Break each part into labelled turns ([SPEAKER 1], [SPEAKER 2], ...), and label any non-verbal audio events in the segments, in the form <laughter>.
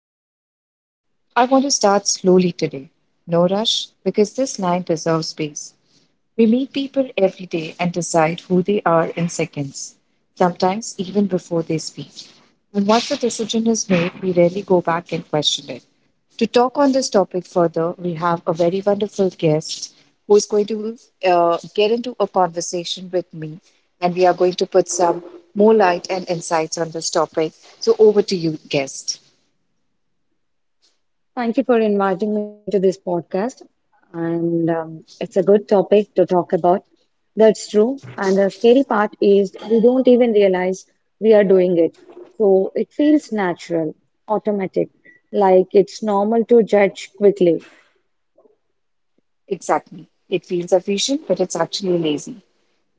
[SPEAKER 1] the respect. I want to start slowly today. No rush, because this line deserves space. We meet people every day and decide who they are in seconds, sometimes even before they speak. And once the decision is made, we rarely go back and question it. To talk on this topic further, we have a very wonderful guest who is going to get into a conversation with me, and we are going to put some more light and insights on this topic. So, over to you, guest.
[SPEAKER 2] Thank you for inviting me to this podcast. And It's a good topic to talk about. That's true. And the scary part is we don't even realize we are doing it. So it feels natural, automatic, like it's normal to judge quickly.
[SPEAKER 1] Exactly. It feels efficient, but it's actually lazy.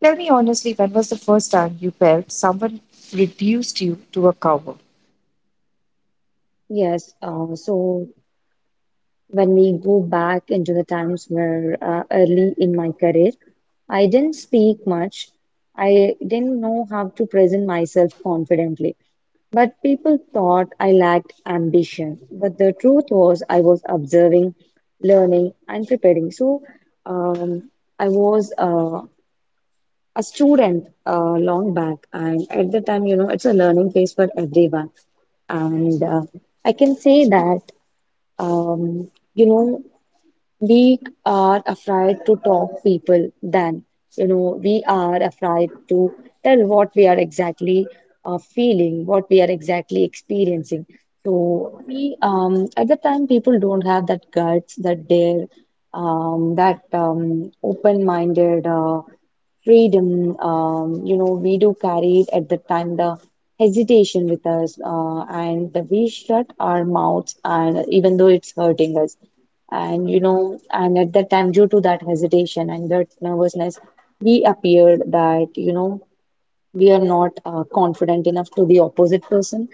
[SPEAKER 1] Tell me honestly, when was the first time you felt someone reduced you to a cover?
[SPEAKER 2] Yes. So when we go back into the times where early in my career, I didn't speak much. I didn't know how to present myself confidently. But people thought I lacked ambition. But the truth was, I was observing, learning, and preparing. Um, I was a student long back, and at the time, you know, it's a learning phase for everyone. And I can say that, um, you know, we are afraid to talk people, then you know we are afraid to tell what we are exactly feeling, what we are exactly experiencing. So we, at the time, people don't have that guts, that dare, that open-minded freedom. You know, we do carry at the time the hesitation with us, and we shut our mouths and even though it's hurting us. And you know, and at that time, due to that hesitation and that nervousness, we appeared that, you know, we are not confident enough to the opposite person.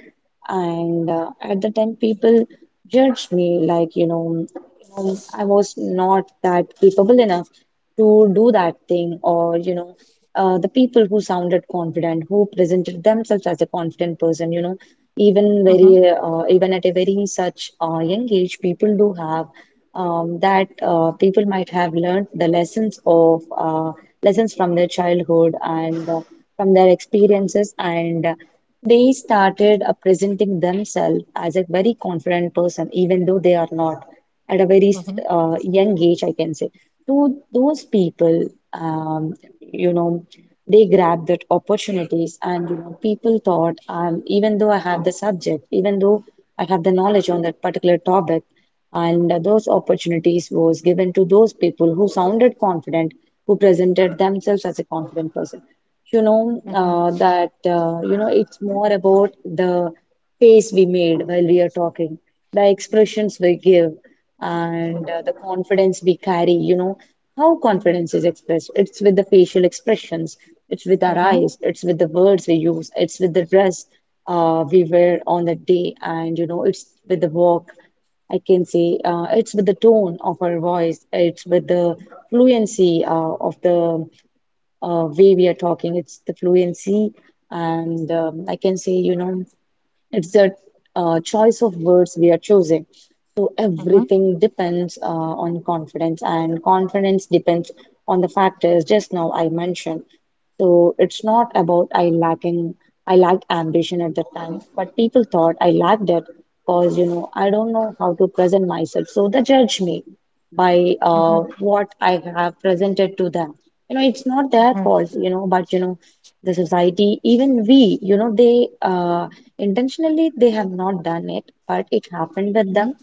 [SPEAKER 2] And At the time, people judged me like, you know, I was not that capable enough to do that thing, or, you know, the people who sounded confident, who presented themselves as a confident person, you know, even at a very such young age, people do have that people might have learned the lessons of lessons from their childhood and from their experiences, and they started presenting themselves as a very confident person even though they are not at a very young age, I can say. So those people, um, you know, they grabbed that opportunities, and you know, people thought, even though I have the subject, even though I have the knowledge on that particular topic, and those opportunities was given to those people who sounded confident, who presented themselves as a confident person. You know, that you know, it's more about the face we made while we are talking, the expressions we give, and the confidence we carry. You know, how confidence is expressed? It's with the facial expressions, it's with our
[SPEAKER 1] Mm-hmm.
[SPEAKER 2] eyes, it's with the words we use, it's with the dress we wear on the day, and you know, it's with the walk. I can say it's with the tone of our voice, it's with the fluency of the way we are talking. It's the fluency, and I can say, you know. It's a choice of words we are choosing. So
[SPEAKER 1] Mm-hmm.
[SPEAKER 2] everything depends on confidence, and confidence depends on the factors just now I mentioned. So it's not about I lacked ambition at the time, but people thought I lacked it because you know I don't know how to present myself, so they judge me by what I have presented to them. You know, it's not their fault, you know, but you know, the society, even we, you know, they intentionally they have not done it, but it happened with them.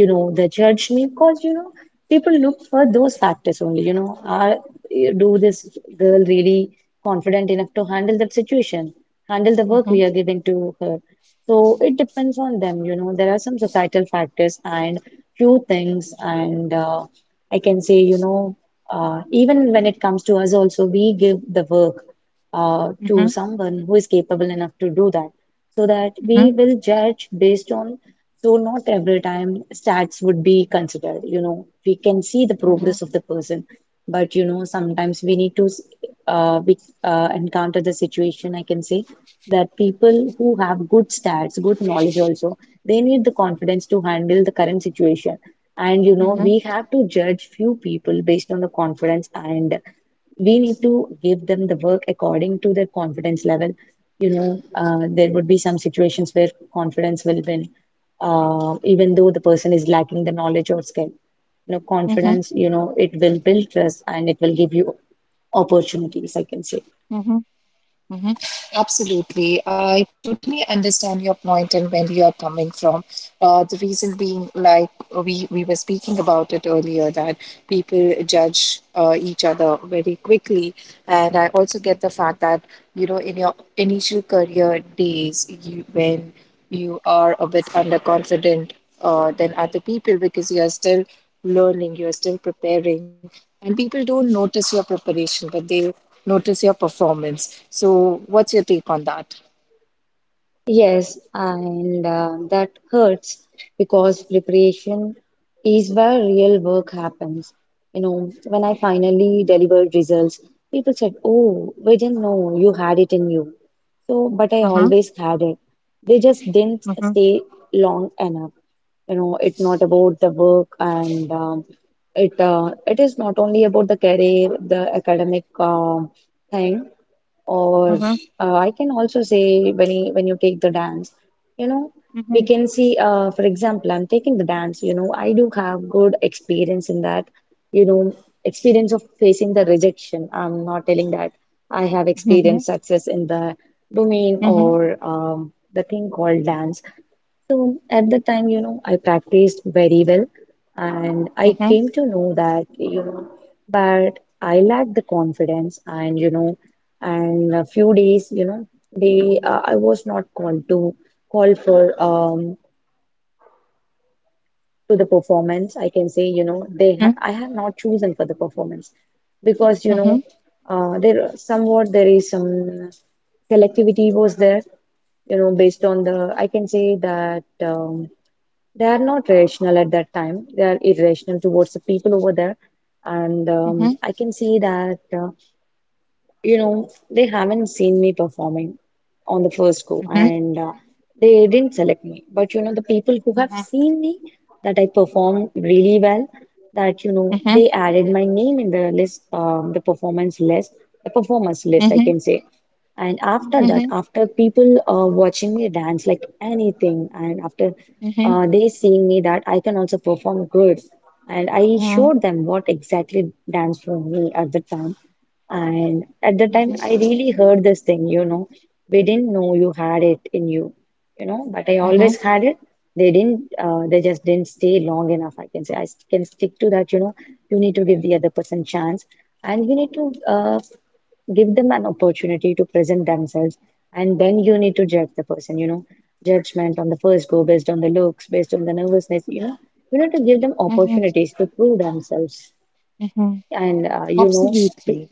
[SPEAKER 2] You know they judge me because you know people look for those factors only. You know, are do this girl really confident enough to handle that situation, handle the work we are giving to her? So it depends on them. You know, there are some societal factors and few things, and I can say, you know, even when it comes to us also, we give the work to
[SPEAKER 1] Mm-hmm.
[SPEAKER 2] someone who is capable enough to do that, so that we will judge based on. So not every time stats would be considered, you know. We can see the
[SPEAKER 1] Mm-hmm. Mm-hmm.
[SPEAKER 2] progress of the person, but you know sometimes we need to, uh, we, encounter the situation. I can say that people who have good stats, good knowledge also, they need the confidence to handle the current situation. And you know, we have to judge few people based on the confidence, and we need to give them the work according to their confidence level. You know, there would be some situations where confidence will win, even though the person is lacking the knowledge or skill. You know,
[SPEAKER 1] Mm-hmm.
[SPEAKER 2] confidence, you know, it will build trust and it will give you opportunities, I can say.
[SPEAKER 1] Absolutely. I totally understand your point and where you are coming from. The reason being, like we were speaking about it earlier, that people judge each other very quickly. And I also get the fact that, you know, in your initial career days, when you are a bit underconfident than other people because you are still learning, you are still preparing. And people don't notice your preparation, but they notice your performance. So, what's your take on that?
[SPEAKER 2] Yes, and that hurts because preparation is where real work happens. You know, when I finally delivered results, people said, "Oh, we didn't know you had it in you." So, but I
[SPEAKER 1] Mm-hmm.
[SPEAKER 2] always had it. They just didn't
[SPEAKER 1] Mm-hmm.
[SPEAKER 2] stay long enough. You know, it's not about the work, and it is not only about the career, the academic thing. Or
[SPEAKER 1] Mm-hmm.
[SPEAKER 2] I can also say, when when you take the dance, you know, we
[SPEAKER 1] Mm-hmm.
[SPEAKER 2] can see, for example, I'm taking the dance, you know, I do have good experience in that, you know, experience of facing the rejection. I'm not telling that I have experienced
[SPEAKER 1] Mm-hmm.
[SPEAKER 2] success in the domain,
[SPEAKER 1] Mm-hmm.
[SPEAKER 2] or the thing called dance. So at the time, you know, I practiced very well, and I
[SPEAKER 1] Mm-hmm.
[SPEAKER 2] came to know that, you know, but I lacked the confidence. And you know, and a few days, you know, they I was not called to call for to the performance, I can say. You know, they
[SPEAKER 1] Mm-hmm.
[SPEAKER 2] ha I have not chosen for the performance because you
[SPEAKER 1] Mm-hmm. Mm-hmm.
[SPEAKER 2] know there is some selectivity was there, you know, based on the I can say that they are not rational at that time, they are irrational towards the people over there. And I can say that you know, they haven't seen me performing on the first go,
[SPEAKER 1] Mm-hmm.
[SPEAKER 2] and they didn't select me. But, you know, the people who have
[SPEAKER 1] Mm-hmm.
[SPEAKER 2] seen me that I perform really well, that, you know,
[SPEAKER 1] Mm-hmm.
[SPEAKER 2] they added my name in the list, the performance list, I can say. And after that,
[SPEAKER 1] Mm-hmm.
[SPEAKER 2] after people watching me dance like anything, and after they seeing me that I can also perform good, and I
[SPEAKER 1] Mm-hmm.
[SPEAKER 2] showed them what exactly dance for me at the time. And at the time, I really heard this thing, you know, "We didn't know you had it in you," you know, but I
[SPEAKER 1] Mm-hmm.
[SPEAKER 2] always had it. They didn't, they just didn't stay long enough. I can say, can stick to that, you know, you need to give the other person chance, and you need to, give them an opportunity to present themselves, and then you need to judge the person, you know. Judgment on the first go based on the looks, based on the nervousness, you know, you need to give them opportunities to prove themselves.
[SPEAKER 1] Mm-hmm.
[SPEAKER 2] And you know
[SPEAKER 1] Absolutely.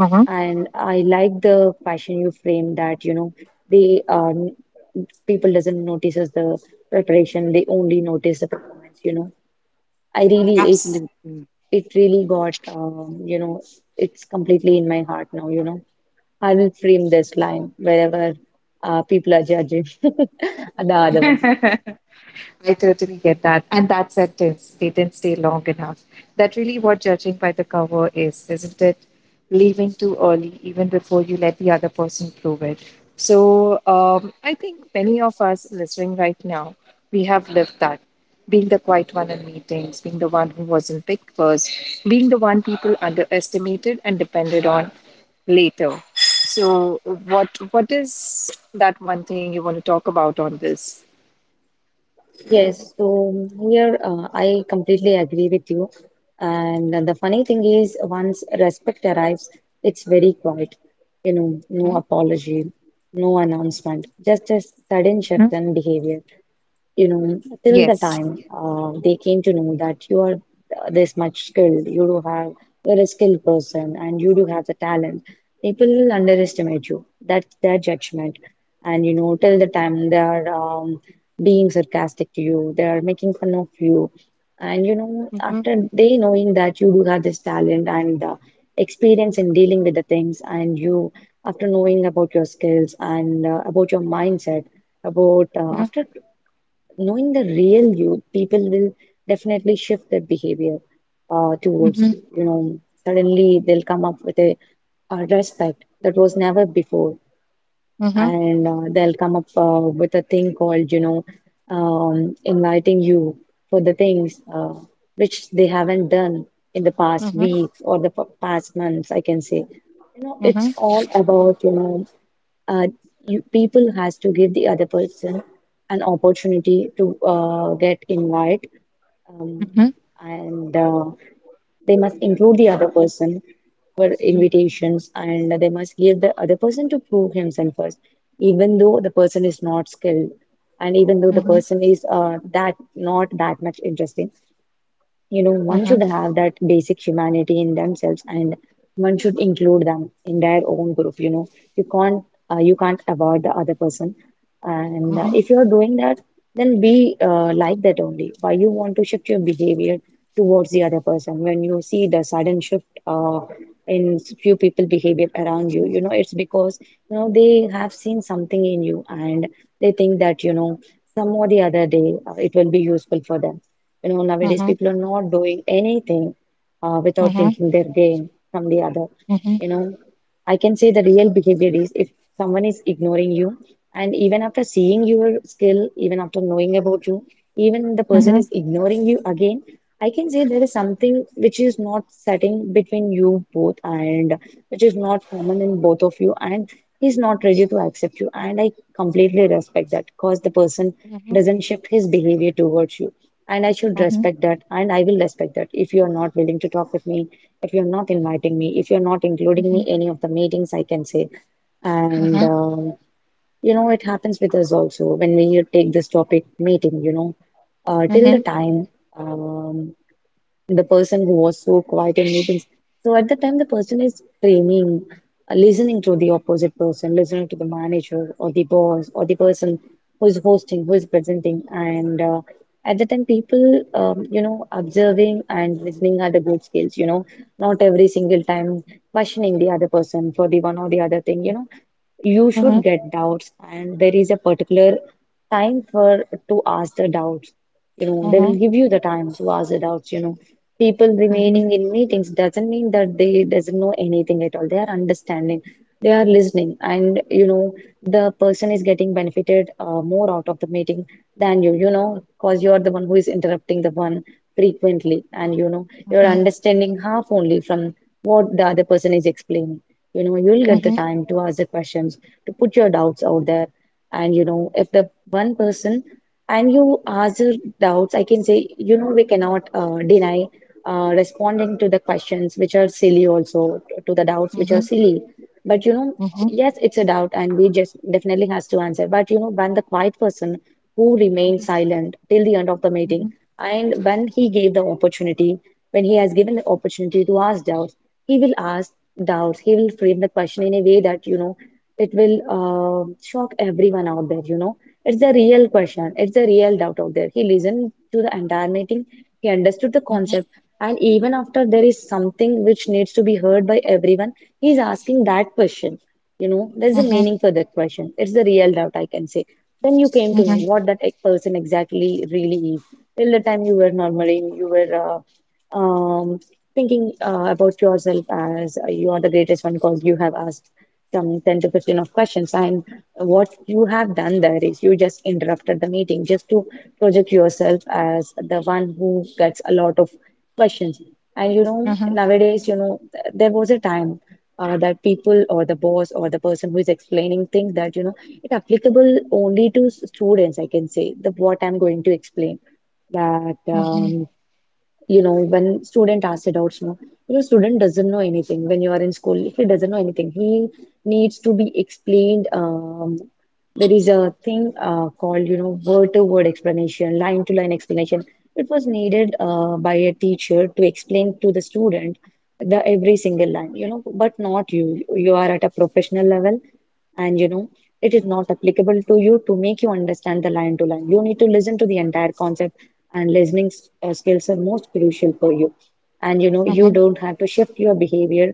[SPEAKER 1] Mm-hmm.
[SPEAKER 2] And I like the fashion you frame that, you know, they people doesn't notice as the preparation, they only notice the performance, you know. I really it
[SPEAKER 1] Absolutely.
[SPEAKER 2] It really got you know, it's completely in my heart now, you know. I will frame this line wherever people are judging <laughs> the other one.
[SPEAKER 1] I totally get that. And that sentence, they didn't stay long enough. That really what judging by the cover is, isn't it? Leaving too early, even before you let the other person prove it. So I think many of us listening right now, we have lived that. Being the quiet one in meetings, being the one who wasn't picked first, being the one people underestimated and depended on later. So what is that one thing you want to talk about on this?
[SPEAKER 2] Yes, so here I completely agree with you. And the funny thing is, once respect arrives, it's very quiet. You know, no apology, no announcement, just a sudden
[SPEAKER 1] Mhm.
[SPEAKER 2] shift in behavior. You know, till the
[SPEAKER 1] Yes.
[SPEAKER 2] time they came to know that you are this much skilled, you're a skilled person and you do have the talent, people will underestimate you. That's their judgment. And, you know, till the time they are being sarcastic to you, they are making fun of you. And, you know, after they knowing that you do have this talent and experience in dealing with the things, and you, after knowing about your skills and about your mindset, about after knowing the real you, people will definitely shift their behavior towards you. You know, suddenly they'll come up with a respect that was never before, and they'll come up with a thing called, you know, inviting you for the things which they haven't done in the past weeks or the past months, I can say. You know, it's all about, uh, people has to give the other person an opportunity to get invite. Um, and They must include the other person for invitations and they must give the other person to prove himself first, even though the person is not skilled, and even though the person is that not that much interesting. You know, one should have that basic humanity in themselves and one should include them in their own group. You know, you can't you can't avoid the other person. And if you're doing that, then be like that only. Why you want to shift your behavior towards the other person? When you see the sudden shift in few people behavior around you, you know, it's because, you know, they have seen something in you and they think that, you know, some or the other day it will be useful for them. You know, nowadays people are not doing anything without thinking their gain from the other. You know, I can say the real behavior is, if someone is ignoring you, and even after seeing your skill, even after knowing about you, even the person is ignoring you again, I can say there is something which is not setting between you both, and which is not common in both of you, and he's not ready to accept you. And I completely respect that because the person doesn't shift his behavior towards you, and I should respect that, and I will respect that. If you are not willing to talk with me, if you're not inviting me, if you're not including me any of the meetings, I can say. And You know, it happens with us also when we take this topic meeting. You know, till the time, um, the person who was so quiet in meetings. So at the time, the person is framing, listening to the opposite person, listening to the manager or the boss or the person who is hosting, who is presenting. And at the time, people, you know, observing and listening are the good skills, you know, not every single time questioning the other person for the one or the other thing. You know, you should get doubts, and there is a particular time for to ask the doubts. You know, they will give you the time to ask the doubts. You know, people remaining in meetings doesn't mean that they doesn't know anything at all. They are understanding, they are listening, and you know, the person is getting benefited more out of the meeting than you. You know, because you are the one who is interrupting the one frequently, and you know, you're understanding half only from what the other person is explaining. You know, you'll get the time to ask the questions, to put your doubts out there. And you know, if the one person, and you ask your doubts, I can say, you know, we cannot deny responding to the questions which are silly also, to the doubts which are silly. But you know, yes, it's a doubt, and we just definitely has to answer. But you know, when the quiet person who remained silent till the end of the meeting, and when he gave the opportunity, when he has given the opportunity to ask doubts, he will ask doubts. He will frame the question in a way that, you know, it will shock everyone out there, you know. It's a real question, it's a real doubt out there. He listened to the entire meeting, he understood the concept, and even after, there is something which needs to be heard by everyone, he's asking that question. You know, there's a meaning for that question. It's the real doubt, I can say. Then you came to know what that person exactly really is. Till the time you were normally, you were thinking about yourself as you are the greatest one because you have asked some 10 to 15 of questions. And what you have done there is you just interrupted the meeting just to project yourself as the one who gets a lot of questions. And you know, nowadays, you know, there was a time that people or the boss or the person who is explaining things that, you know, it applicable only to students, I can say. The what I'm going to explain that, you know, when student asks adults know, you know, student doesn't know anything. When you are in school, he doesn't know anything, he needs to be explained. There is a thing called, you know, word to word explanation, line to line explanation. It was needed by a teacher to explain to the student the every single line, you know. But not you, you are at a professional level, and you know, it is not applicable to you to make you understand the line to line. You need to listen to the entire concept, and listening skills are most crucial for you. And you know, you don't have to shift your behavior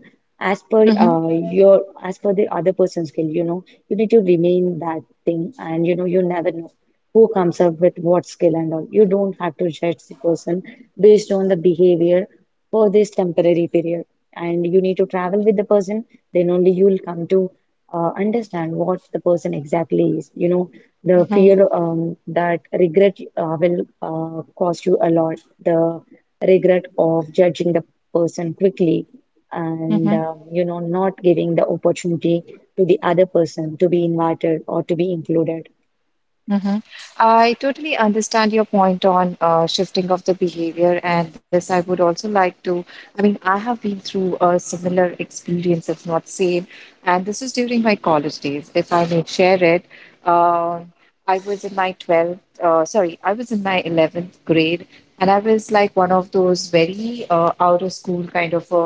[SPEAKER 2] as per your as per the other person's skill. You know, you need to remain that thing, and you know, you never know who comes up with what skill and all. You don't have to judge the person based on the behavior for this temporary period, and you need to travel with the person. Then only you'll come to understand what the person exactly is. You know, the fear, that regret will cost you a lot. The regret of judging the person quickly, and you know, not giving the opportunity to the other person to be invited or to be included.
[SPEAKER 1] I totally understand your point on shifting of the behavior, and this I would also like to. I mean, I have been through a similar experience, if not same, and this is during my college days. If I may share it, Um I was in my 12th, sorry, I was in my 11th grade, and I was like one of those very out of school kind of a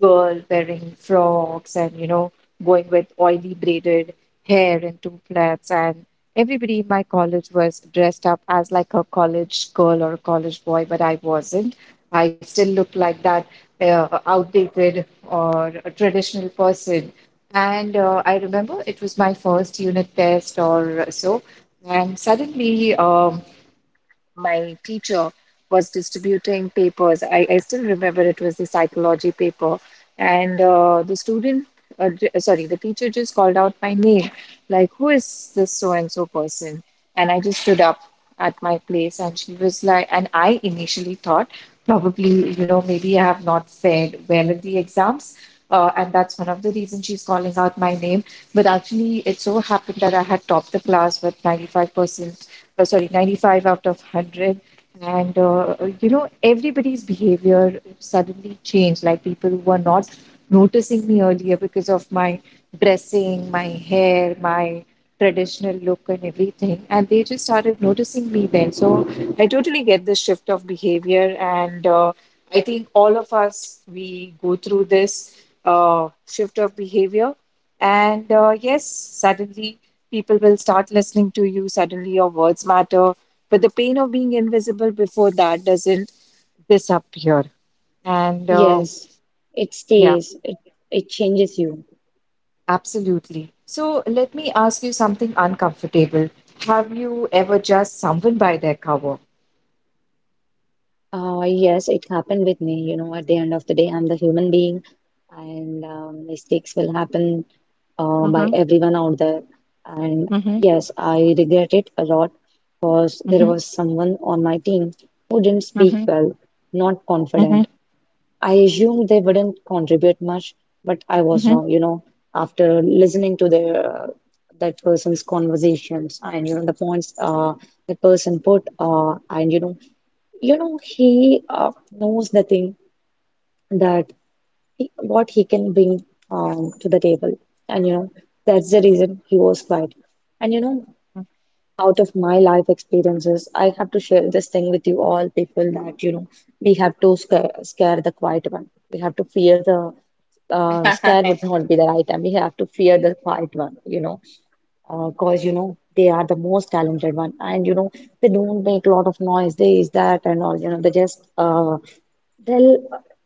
[SPEAKER 1] girl wearing frocks and going with oily braided hair into plaits. And everybody in my college was dressed up as like a college girl or a college boy, but I wasn't. I still looked like that outdated or a traditional person. And I remember it was my first unit test or so. And suddenly, my teacher was distributing papers. I still remember it was the psychology paper. And uh, the teacher just called out my name, like, who is this so and so person? And I just stood up at my place and she was like, and I initially thought, probably, maybe I have not fared well in the exams. And that's one of the reasons she's calling out my name. But actually, it so happened that I had topped the class with 95% sorry, 95 out of 100. And everybody's behavior suddenly changed. Like people who were not noticing me earlier because of my dressing, my hair, my traditional look, and everything. And they just started noticing me then. So I totally get this shift of behavior. And I think all of us, we go through this shift of behavior. And yes, suddenly people will start listening to you. Suddenly, your words matter. But the pain of being invisible before that doesn't disappear. And
[SPEAKER 2] Yes, it
[SPEAKER 1] yeah,
[SPEAKER 2] stays. It changes you.
[SPEAKER 1] absolutely. So, let me ask you something uncomfortable. Have you ever judged someone by their cover?
[SPEAKER 2] Yes, it happened with me. You know, at the end of the day, I'm the human being, and mistakes will happen by
[SPEAKER 1] Mm-hmm.
[SPEAKER 2] everyone out there. And
[SPEAKER 1] Mm-hmm.
[SPEAKER 2] yes, I regret it a lot, because there
[SPEAKER 1] Mm-hmm.
[SPEAKER 2] was someone on my team who didn't speak
[SPEAKER 1] Mm-hmm.
[SPEAKER 2] well, not
[SPEAKER 1] Mm-hmm.
[SPEAKER 2] confident. I assumed they wouldn't contribute much, but I was
[SPEAKER 1] Mm-hmm.
[SPEAKER 2] wrong. You know, after listening to the that person's conversations, and you know, the points the person put, and you know, you know, he knows the thing that he, what he can bring to the table. And you know, that's the reason he was quiet. And you know, out of my life experiences, I have to share this thing with you all people, that you know, we have to scare the quiet one. We have to fear the scare would not be the right time. We have to fear the quiet one. You know, cause you know, they are the most talented one, and you know, they don't make a lot of noise, this that and all. You know, they just they'll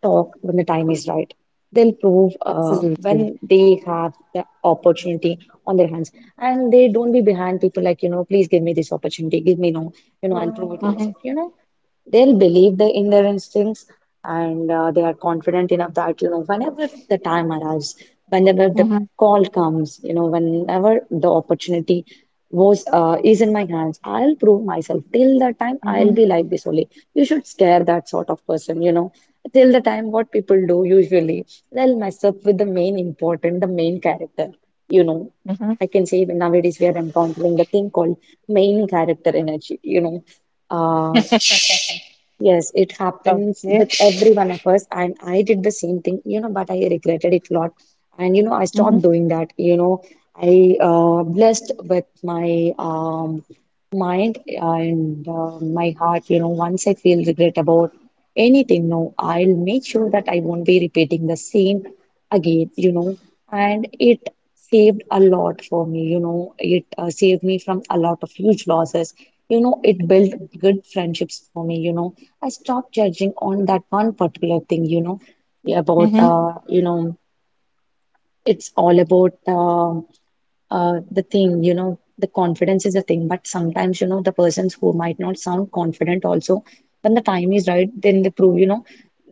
[SPEAKER 2] talk when the time is right. They'll prove
[SPEAKER 1] Absolutely.
[SPEAKER 2] when they have the opportunity on their hands. And they don't be behind people like, you know, please give me this opportunity, give me, no, you know, I'll prove it
[SPEAKER 1] Mhm.
[SPEAKER 2] myself. You know, they'll believe the, in their instincts, and they are confident enough that, you know, whenever the time arrives, whenever the
[SPEAKER 1] Mhm.
[SPEAKER 2] call comes, you know, whenever the opportunity was is in my hands, I'll prove myself. Till that time, I'll
[SPEAKER 1] Mhm.
[SPEAKER 2] be like this only. You should scare that sort of person, you know. Till the time, what people do usually, they'll mess up with the main important, the main character, you know.
[SPEAKER 1] Mhm.
[SPEAKER 2] I can say even nowadays we are encountering the thing called main character energy, you know. Uh, Yes, it
[SPEAKER 1] Okay.
[SPEAKER 2] happens with every one of us, and I did the same thing, you know, but I regretted it a lot. And you know, I stopped
[SPEAKER 1] Mhm.
[SPEAKER 2] doing that. You know, I blessed with my mind and my heart. You know, once I feel regret about anything, no, I'll make sure that I won't be repeating the same again. You know, and it saved a lot for me. You know, it saved me from a lot of huge losses. You know, it built good friendships for me. You know, I stopped judging on that one particular thing, you know, about,
[SPEAKER 1] Mhm.
[SPEAKER 2] you know, it's all about the thing, you know, the confidence is a thing, but sometimes, you know, the persons who might not sound confident also, when the time is right, then they prove, you know,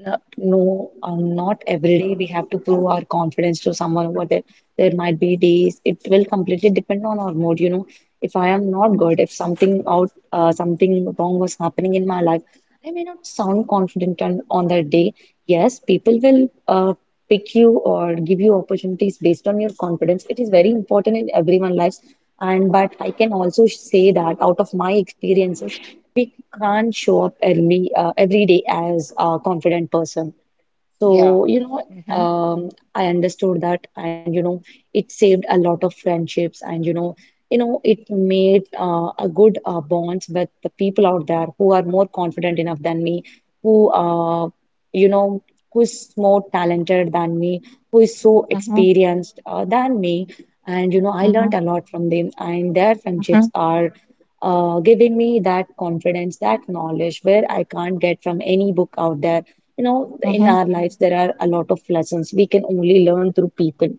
[SPEAKER 2] no, not every day we have to prove our confidence to someone over there. There might be days, it will completely depend on our mood, you know. If I am not good, if something out, something wrong was happening in my life, I may not sound confident on that day. Yes, people will pick you or give you opportunities based on your confidence. It is very important in everyone's lives, and but I can also say that out of my experiences we can't show up early every day as a confident person.
[SPEAKER 1] Yeah.
[SPEAKER 2] So, I understood that, and you know, it saved a lot of friendships, and you know, it made a good bonds with the people out there who are more confident enough than me, who uh, you know, who is more talented than me, who is so
[SPEAKER 1] Mhm.
[SPEAKER 2] experienced than me, and you know, I
[SPEAKER 1] Mhm.
[SPEAKER 2] learned a lot from them, and their friendships
[SPEAKER 1] Mhm.
[SPEAKER 2] are. Giving me that confidence, that knowledge, where I can't get from any book out there. You know, in
[SPEAKER 1] Mhm.
[SPEAKER 2] our lives, there are a lot of lessons we can only learn through people,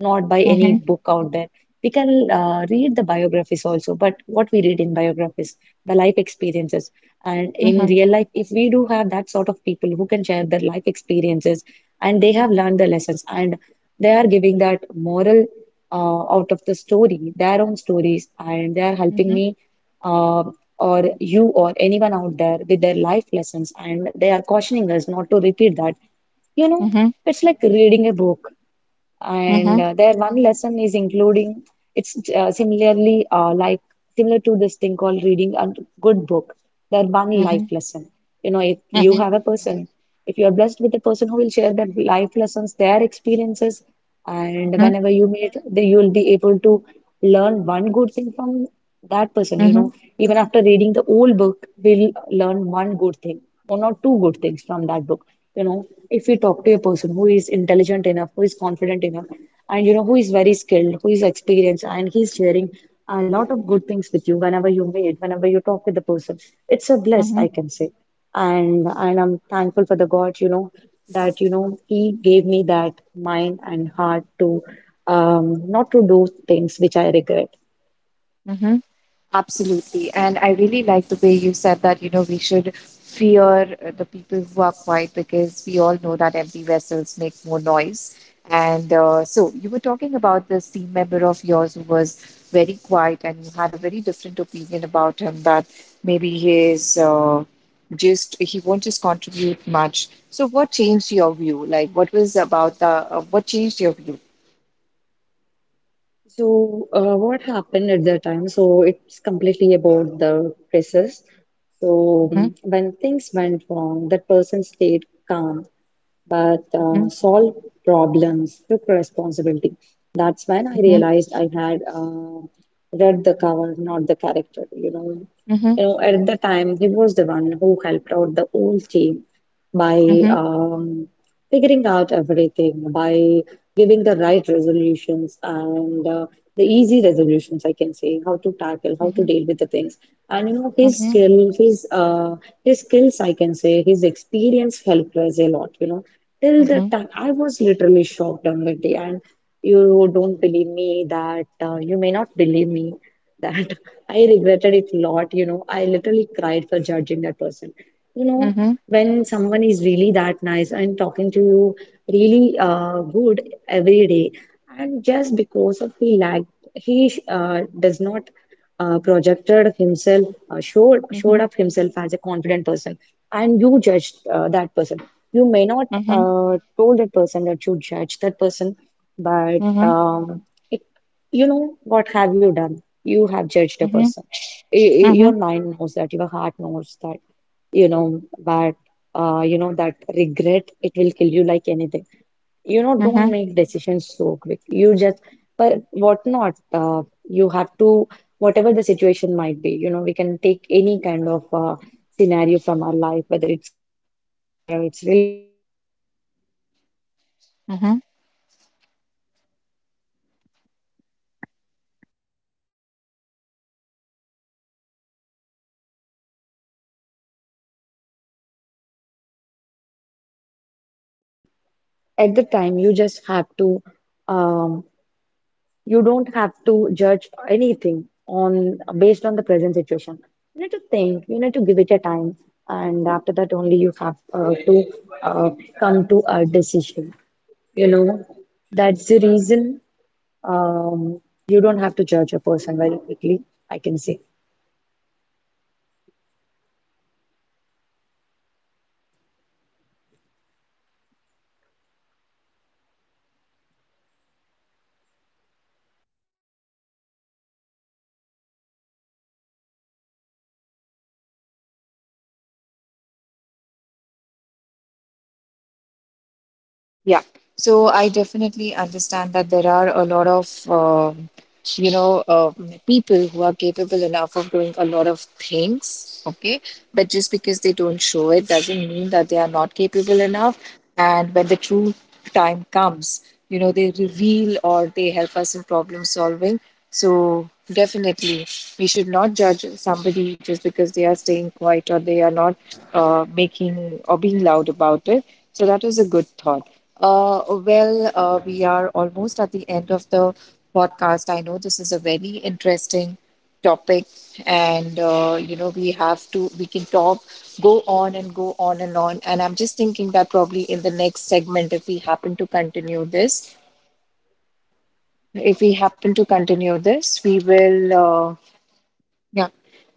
[SPEAKER 2] not by any
[SPEAKER 1] Mhm.
[SPEAKER 2] book out there. We can read the biographies also, but what we read in biographies, the life experiences. And in
[SPEAKER 1] Mhm.
[SPEAKER 2] real life, if we do have that sort of people who can share their life experiences and they have learned the lessons, and they are giving that moral out of the story, their own stories, and they are
[SPEAKER 1] Mhm.
[SPEAKER 2] helping
[SPEAKER 1] Mhm.
[SPEAKER 2] me. Uh, or you or anyone out there with their life lessons, and they are cautioning us not to repeat that, you know,
[SPEAKER 1] Mhm.
[SPEAKER 2] it's like reading a book, and
[SPEAKER 1] Mhm.
[SPEAKER 2] their one lesson is including, it's similarly like similar to this thing called reading a good book, that one life
[SPEAKER 1] Mhm.
[SPEAKER 2] lesson. You know, if you
[SPEAKER 1] Mhm.
[SPEAKER 2] have a person, if you are blessed with a person who will share that life lessons, their experiences, and
[SPEAKER 1] Mhm.
[SPEAKER 2] whenever you meet, they you will be able to learn one good thing from that person. You
[SPEAKER 1] Mhm.
[SPEAKER 2] know, even after reading the whole book, we'll learn one good thing, one or two good things from that book. You know, if you talk to a person who is intelligent enough, who is confident enough, and you know, who is very skilled, who is experienced, and he's sharing a lot of good things with you whenever you meet, whenever you talk with the person. It's a bliss,
[SPEAKER 1] Mhm.
[SPEAKER 2] I can say. And I'm thankful for the God, you know, that you know He gave me that mind and heart to not to do things which I regret.
[SPEAKER 1] Mhm. Absolutely. And I really like the way you said that, we should fear the people who are quiet because we all know that empty vessels make more noise. And so you were talking about this team member of yours who was very quiet and you had a very different opinion about him that maybe he is just, he won't just contribute much. So what changed your view? Like what was about the, what changed your view?
[SPEAKER 2] So what happened at that time? So it's completely about the crisis. So
[SPEAKER 1] Mhm.
[SPEAKER 2] um, when things went wrong, that person stayed calm but
[SPEAKER 1] Mhm.
[SPEAKER 2] solve problems, took responsibility. That's when I
[SPEAKER 1] Mhm.
[SPEAKER 2] realized I had read the cover, not the character. You know,
[SPEAKER 1] Mhm.
[SPEAKER 2] you know, at the time he was the one who helped out the whole team by
[SPEAKER 1] Mhm.
[SPEAKER 2] figuring out everything, by giving the right resolutions and the easy resolutions, I can say, how to tackle, how to
[SPEAKER 1] Mhm.
[SPEAKER 2] deal with the things. And you know,
[SPEAKER 1] Mhm.
[SPEAKER 2] his skills, I can say, his experience helped us a lot, you know. Till the
[SPEAKER 1] Mhm.
[SPEAKER 2] time, I was literally shocked on the day, and you may not believe me that <laughs> I regretted it a lot, you know. I literally cried for judging that person, you know,
[SPEAKER 1] Mhm.
[SPEAKER 2] when someone is really that nice and talking to you really good every day, and just because of he lacked, he does not projected himself, showed
[SPEAKER 1] Mhm.
[SPEAKER 2] up himself as a confident person, and you judged that person. You may not
[SPEAKER 1] Mhm.
[SPEAKER 2] told that person that you judge that person, but
[SPEAKER 1] Mhm.
[SPEAKER 2] um, it, you know, what have you done? You have judged a
[SPEAKER 1] Mhm.
[SPEAKER 2] person. Your
[SPEAKER 1] mhm,
[SPEAKER 2] mind knows that, your heart knows that, you know, but you know that regret, it will kill you like anything. You know,
[SPEAKER 1] mhm,
[SPEAKER 2] don't make decisions so quick. You just, but what not? You have to, whatever the situation might be. You know, we can take any kind of scenario from our life, whether it's career, whether it's relationship, whether it's education, whether it's
[SPEAKER 1] mhm.
[SPEAKER 2] job, whether it's responsibility towards family, whether anything, whether meeting up new friends and all, whether meeting up with new friends and building a new circle. So at the time, you just have to, um, you don't have to judge anything on based on the present situation. You need to think, you need to give it a time, and after that only you have to uh, come to a decision. You know, that's the reason, um, you don't have to judge a person very quickly, I can say.
[SPEAKER 1] Yeah. So I definitely understand that there are a lot of, you know, uh, people who are capable enough of doing a lot of things. Okay. But just because they don't show it doesn't mean that they are not capable enough, and when the true time comes, they reveal or they help us in problem solving. So definitely we should not judge somebody just because they are staying quiet or they are not making or being loud about it. So that was a good thought. Well, we are almost at the end of the podcast. I know this is a very interesting topic, and we have to we can talk, go on and on. And I'm just thinking that probably in the next segment, if we happen to continue this if we happen to continue this, we will yeah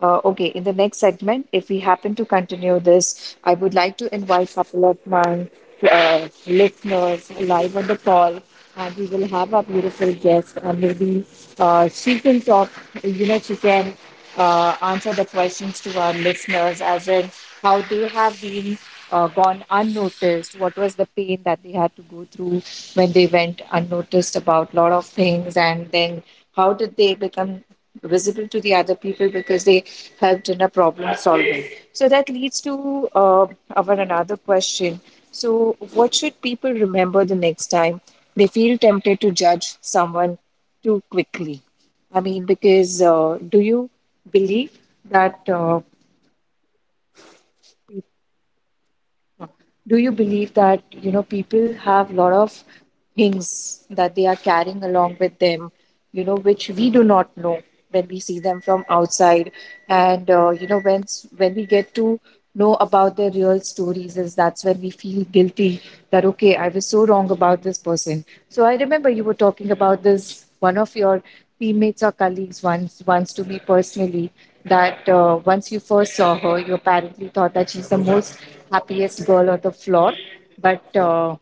[SPEAKER 1] okay in the next segment if we happen to continue this, I would like to invite a couple of my listeners live on the call. And we will have our beautiful guest, and maybe uh, she can talk, she can answer the questions to our listeners as in how they have been gone unnoticed, what was the pain that they had to go through when they went unnoticed about a lot of things, and then how did they become visible to the other people because they helped in a problem solving. So that leads to our another question. So, what should people remember the next time they feel tempted to judge someone too quickly? I mean, because do you believe that uh, that people have a lot of things that they are carrying along with them, which we do not know when we see them from outside, and when we get to know about their real stories, is that's when we feel guilty that, okay, I was so wrong about this person. So I remember you were talking about this one of your teammates or colleagues once to me personally, that once you first saw her, you apparently thought that she's the most happiest girl on the floor. But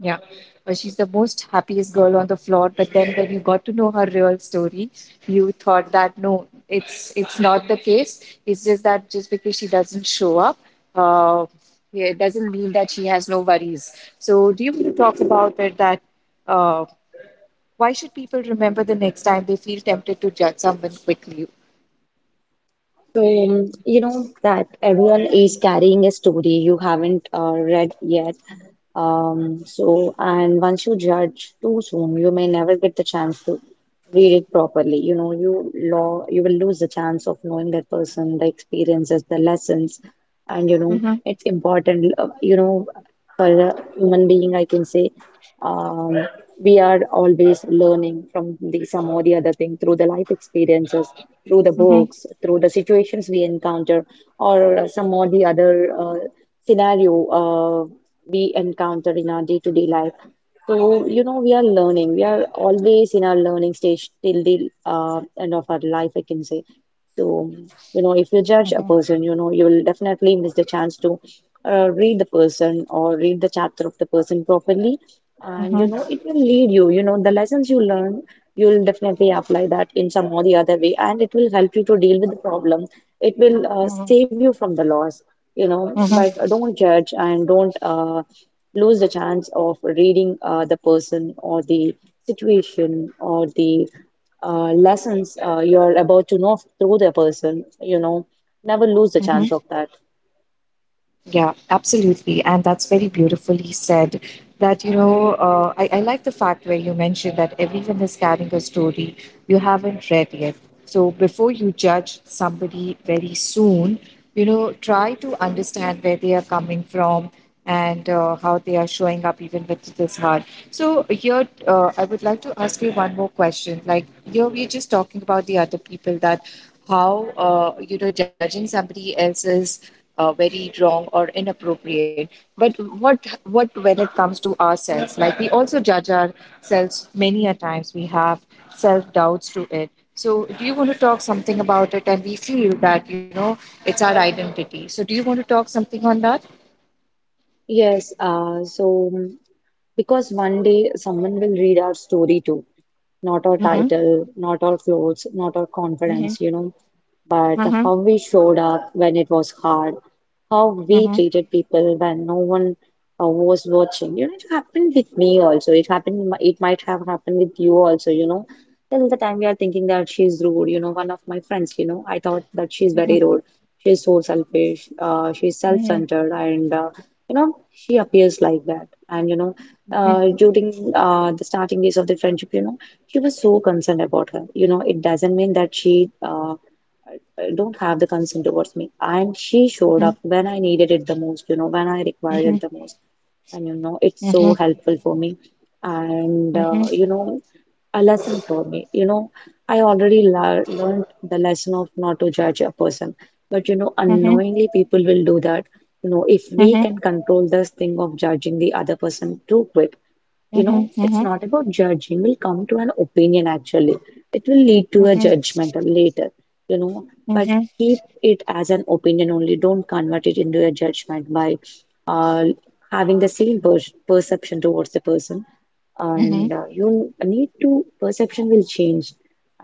[SPEAKER 1] yeah, but she's the most happiest girl on the floor. But then when you got to know her real story, you thought that no, it's not the case. It's just that just because she doesn't show up, uh, yeah, it doesn't mean that she has no worries. So do you want to talk about it that uh, why should people remember the next time they feel tempted to judge someone quickly?
[SPEAKER 2] So, you know that everyone is carrying a story you haven't read yet. So, and once you judge too soon, you may never get the chance to read it properly. You know, you will lose the chance of knowing that person, the experiences, the lessons, and you know,
[SPEAKER 1] Mm-hmm.
[SPEAKER 2] it's important. You know, for a human being, I can say. Um, we are always learning from the some or the other thing through the life experiences, through the
[SPEAKER 1] Mm-hmm.
[SPEAKER 2] books, through the situations we encounter, or some or the other scenario we encounter in our day-to-day life. So, you know, we are learning. We are always in our learning stage till the end of our life, I can say. So, you know, if you judge a
[SPEAKER 1] Mm-hmm.
[SPEAKER 2] person, you know, you will definitely miss the chance to read the person or read the chapter of the person properly. And, you
[SPEAKER 1] Mm-hmm.
[SPEAKER 2] know, it will lead you, you know, the lessons you learn, you'll definitely apply that in some or the other way. And it will help you to deal with the problem. It will
[SPEAKER 1] Mm-hmm.
[SPEAKER 2] save you from the loss, you know, but don't judge and don't lose the chance of reading the person or the situation or the lessons you're about to know through the person, you know, never lose the chance of that.
[SPEAKER 1] Yeah, absolutely. And that's very beautifully said. That, you know, I like the fact where you mentioned that everyone is carrying a story you haven't read yet. So before you judge somebody very soon, try to understand where they are coming from, and how they are showing up even with this hard. So here, I would like to ask you one more question. Like here, we're just talking about the other people that how judging somebody else is very wrong or inappropriate. But what when it comes to ourselves, like we also judge ourselves many a times. We have self doubts to it. So, do you want to talk something about it? And we feel that it's our identity. So, do you want to talk something on that?
[SPEAKER 2] Yes, so because one day someone will read our story too, not our
[SPEAKER 1] Mm-hmm.
[SPEAKER 2] title, not our clothes, not our confidence, you know, but
[SPEAKER 1] Mhm.
[SPEAKER 2] how we showed up when it was hard, how we
[SPEAKER 1] Mhm.
[SPEAKER 2] treated people when no one was watching. You know, it happened with me also. It happened, it might have happened with you also, you know. Till the time we are thinking that she's rude, you know, one of my friends, you know, I thought that she's
[SPEAKER 1] Mhm.
[SPEAKER 2] very rude. She's so selfish, she's
[SPEAKER 1] Mhm.
[SPEAKER 2] self-centered, and you know, she appears like that, and you know,
[SPEAKER 1] Mhm.
[SPEAKER 2] during the starting days of the friendship, you know, she was so concerned about her, you know, it doesn't mean that she uh, don't have the consent towards me. And she showed up when I needed it the most, you know, when I required
[SPEAKER 1] Mhm.
[SPEAKER 2] it the most. And, you know, it's
[SPEAKER 1] Mhm.
[SPEAKER 2] so helpful for me. And,
[SPEAKER 1] Mhm. Mhm.
[SPEAKER 2] you know, a lesson for me. You know, I already learned the lesson of not to judge a person. But, you know,
[SPEAKER 1] Mhm.
[SPEAKER 2] unknowingly people will do that. You know, if we
[SPEAKER 1] Mhm.
[SPEAKER 2] can control this thing of judging the other person too quick, you
[SPEAKER 1] Mhm.
[SPEAKER 2] know, it's not about judging, we'll come to an opinion, actually it will lead to a
[SPEAKER 1] Mhm.
[SPEAKER 2] judgment later, you know, but
[SPEAKER 1] Mhm.
[SPEAKER 2] keep it as an opinion only, don't convert it into a judgment by uh, having the same perception towards the person,
[SPEAKER 1] Mhm.
[SPEAKER 2] and you need to perception will change,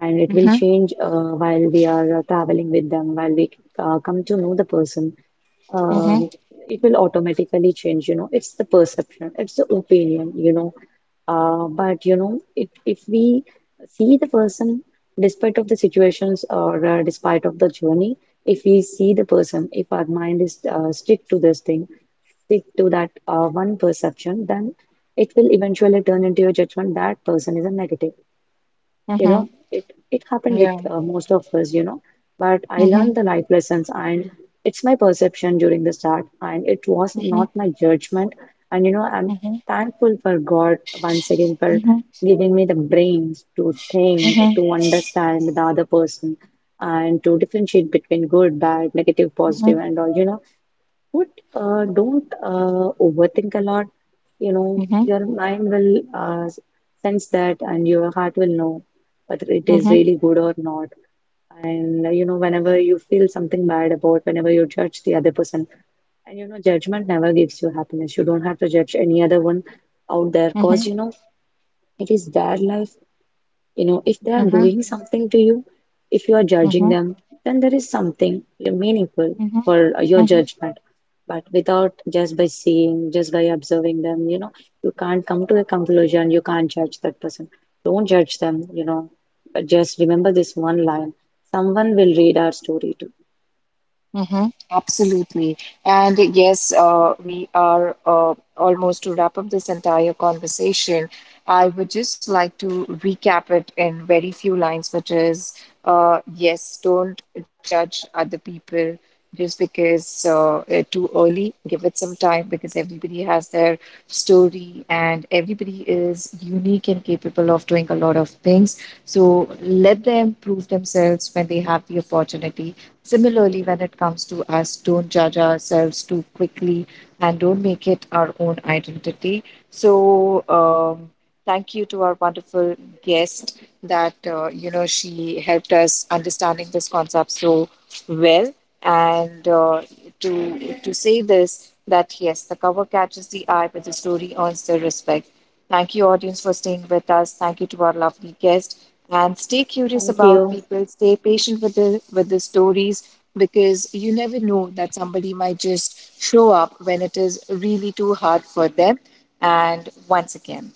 [SPEAKER 2] and it will
[SPEAKER 1] Mhm.
[SPEAKER 2] change while we are traveling with them, while we come to know the person,
[SPEAKER 1] Mhm.
[SPEAKER 2] um, it will automatically change, you know, it's the perception, it's the opinion, you know, but you know, if we see the person, despite of the situations or despite of the journey, if we see the person, if our mind is stick to this thing, stick to that one perception, then it will eventually turn into a judgment that person is a negative. You
[SPEAKER 1] Mhm.
[SPEAKER 2] know, it happened with
[SPEAKER 1] Yeah.
[SPEAKER 2] most of us, you know, but I learned
[SPEAKER 1] Mhm.
[SPEAKER 2] the life lessons, and it's my perception during the start, and it was
[SPEAKER 1] Mhm.
[SPEAKER 2] not my judgment, and you know, I'm
[SPEAKER 1] Mhm.
[SPEAKER 2] thankful for God once again for
[SPEAKER 1] Mhm.
[SPEAKER 2] giving me the brains to think,
[SPEAKER 1] Mhm.
[SPEAKER 2] to understand the other person, and to differentiate between good, bad, negative, positive,
[SPEAKER 1] Mhm.
[SPEAKER 2] and all, you know, would don't overthink a lot. You know,
[SPEAKER 1] Mhm.
[SPEAKER 2] your mind will sense that, and your heart will know whether it is
[SPEAKER 1] Mhm.
[SPEAKER 2] really good or not. And you know, whenever you feel something bad about, whenever you judge the other person, and you know, judgment never gives you happiness. You don't have to judge any other one out there,
[SPEAKER 1] Mhm. Mhm.
[SPEAKER 2] cause
[SPEAKER 1] Mhm.
[SPEAKER 2] you know, it is their life, you know, if they are doing something to you, if you are judging
[SPEAKER 1] Mhm.
[SPEAKER 2] them, then there is something meaningful
[SPEAKER 1] Mhm.
[SPEAKER 2] for your
[SPEAKER 1] Mhm. Mhm.
[SPEAKER 2] judgment. But without just by seeing, just by observing them, you know, you can't come to a conclusion, you can't judge that person. Don't judge them, you know, but just remember this one line. Someone will read our story too.
[SPEAKER 1] Absolutely. And, yes, we are almost to wrap up this entire conversation. I would just like to recap it in very few lines, which is yes, don't judge other people just because too early. Give it some time because everybody has their story, and everybody is unique and capable of doing a lot of things. So let them prove themselves when they have the opportunity. Similarly, when it comes to us, don't judge ourselves too quickly and don't make it our own identity. So, um, thank you to our wonderful guest that she helped us understanding this concept so well. And to say this that yes, the cover catches the eye, but the story earns the respect. Thank you, audience, for staying with us. Thank you to our lovely guest. And stay curious
[SPEAKER 2] Thank
[SPEAKER 1] about
[SPEAKER 2] you.
[SPEAKER 1] people. Stay patient with the stories because you never know that somebody might just show up when it is really too hard for them. And once again,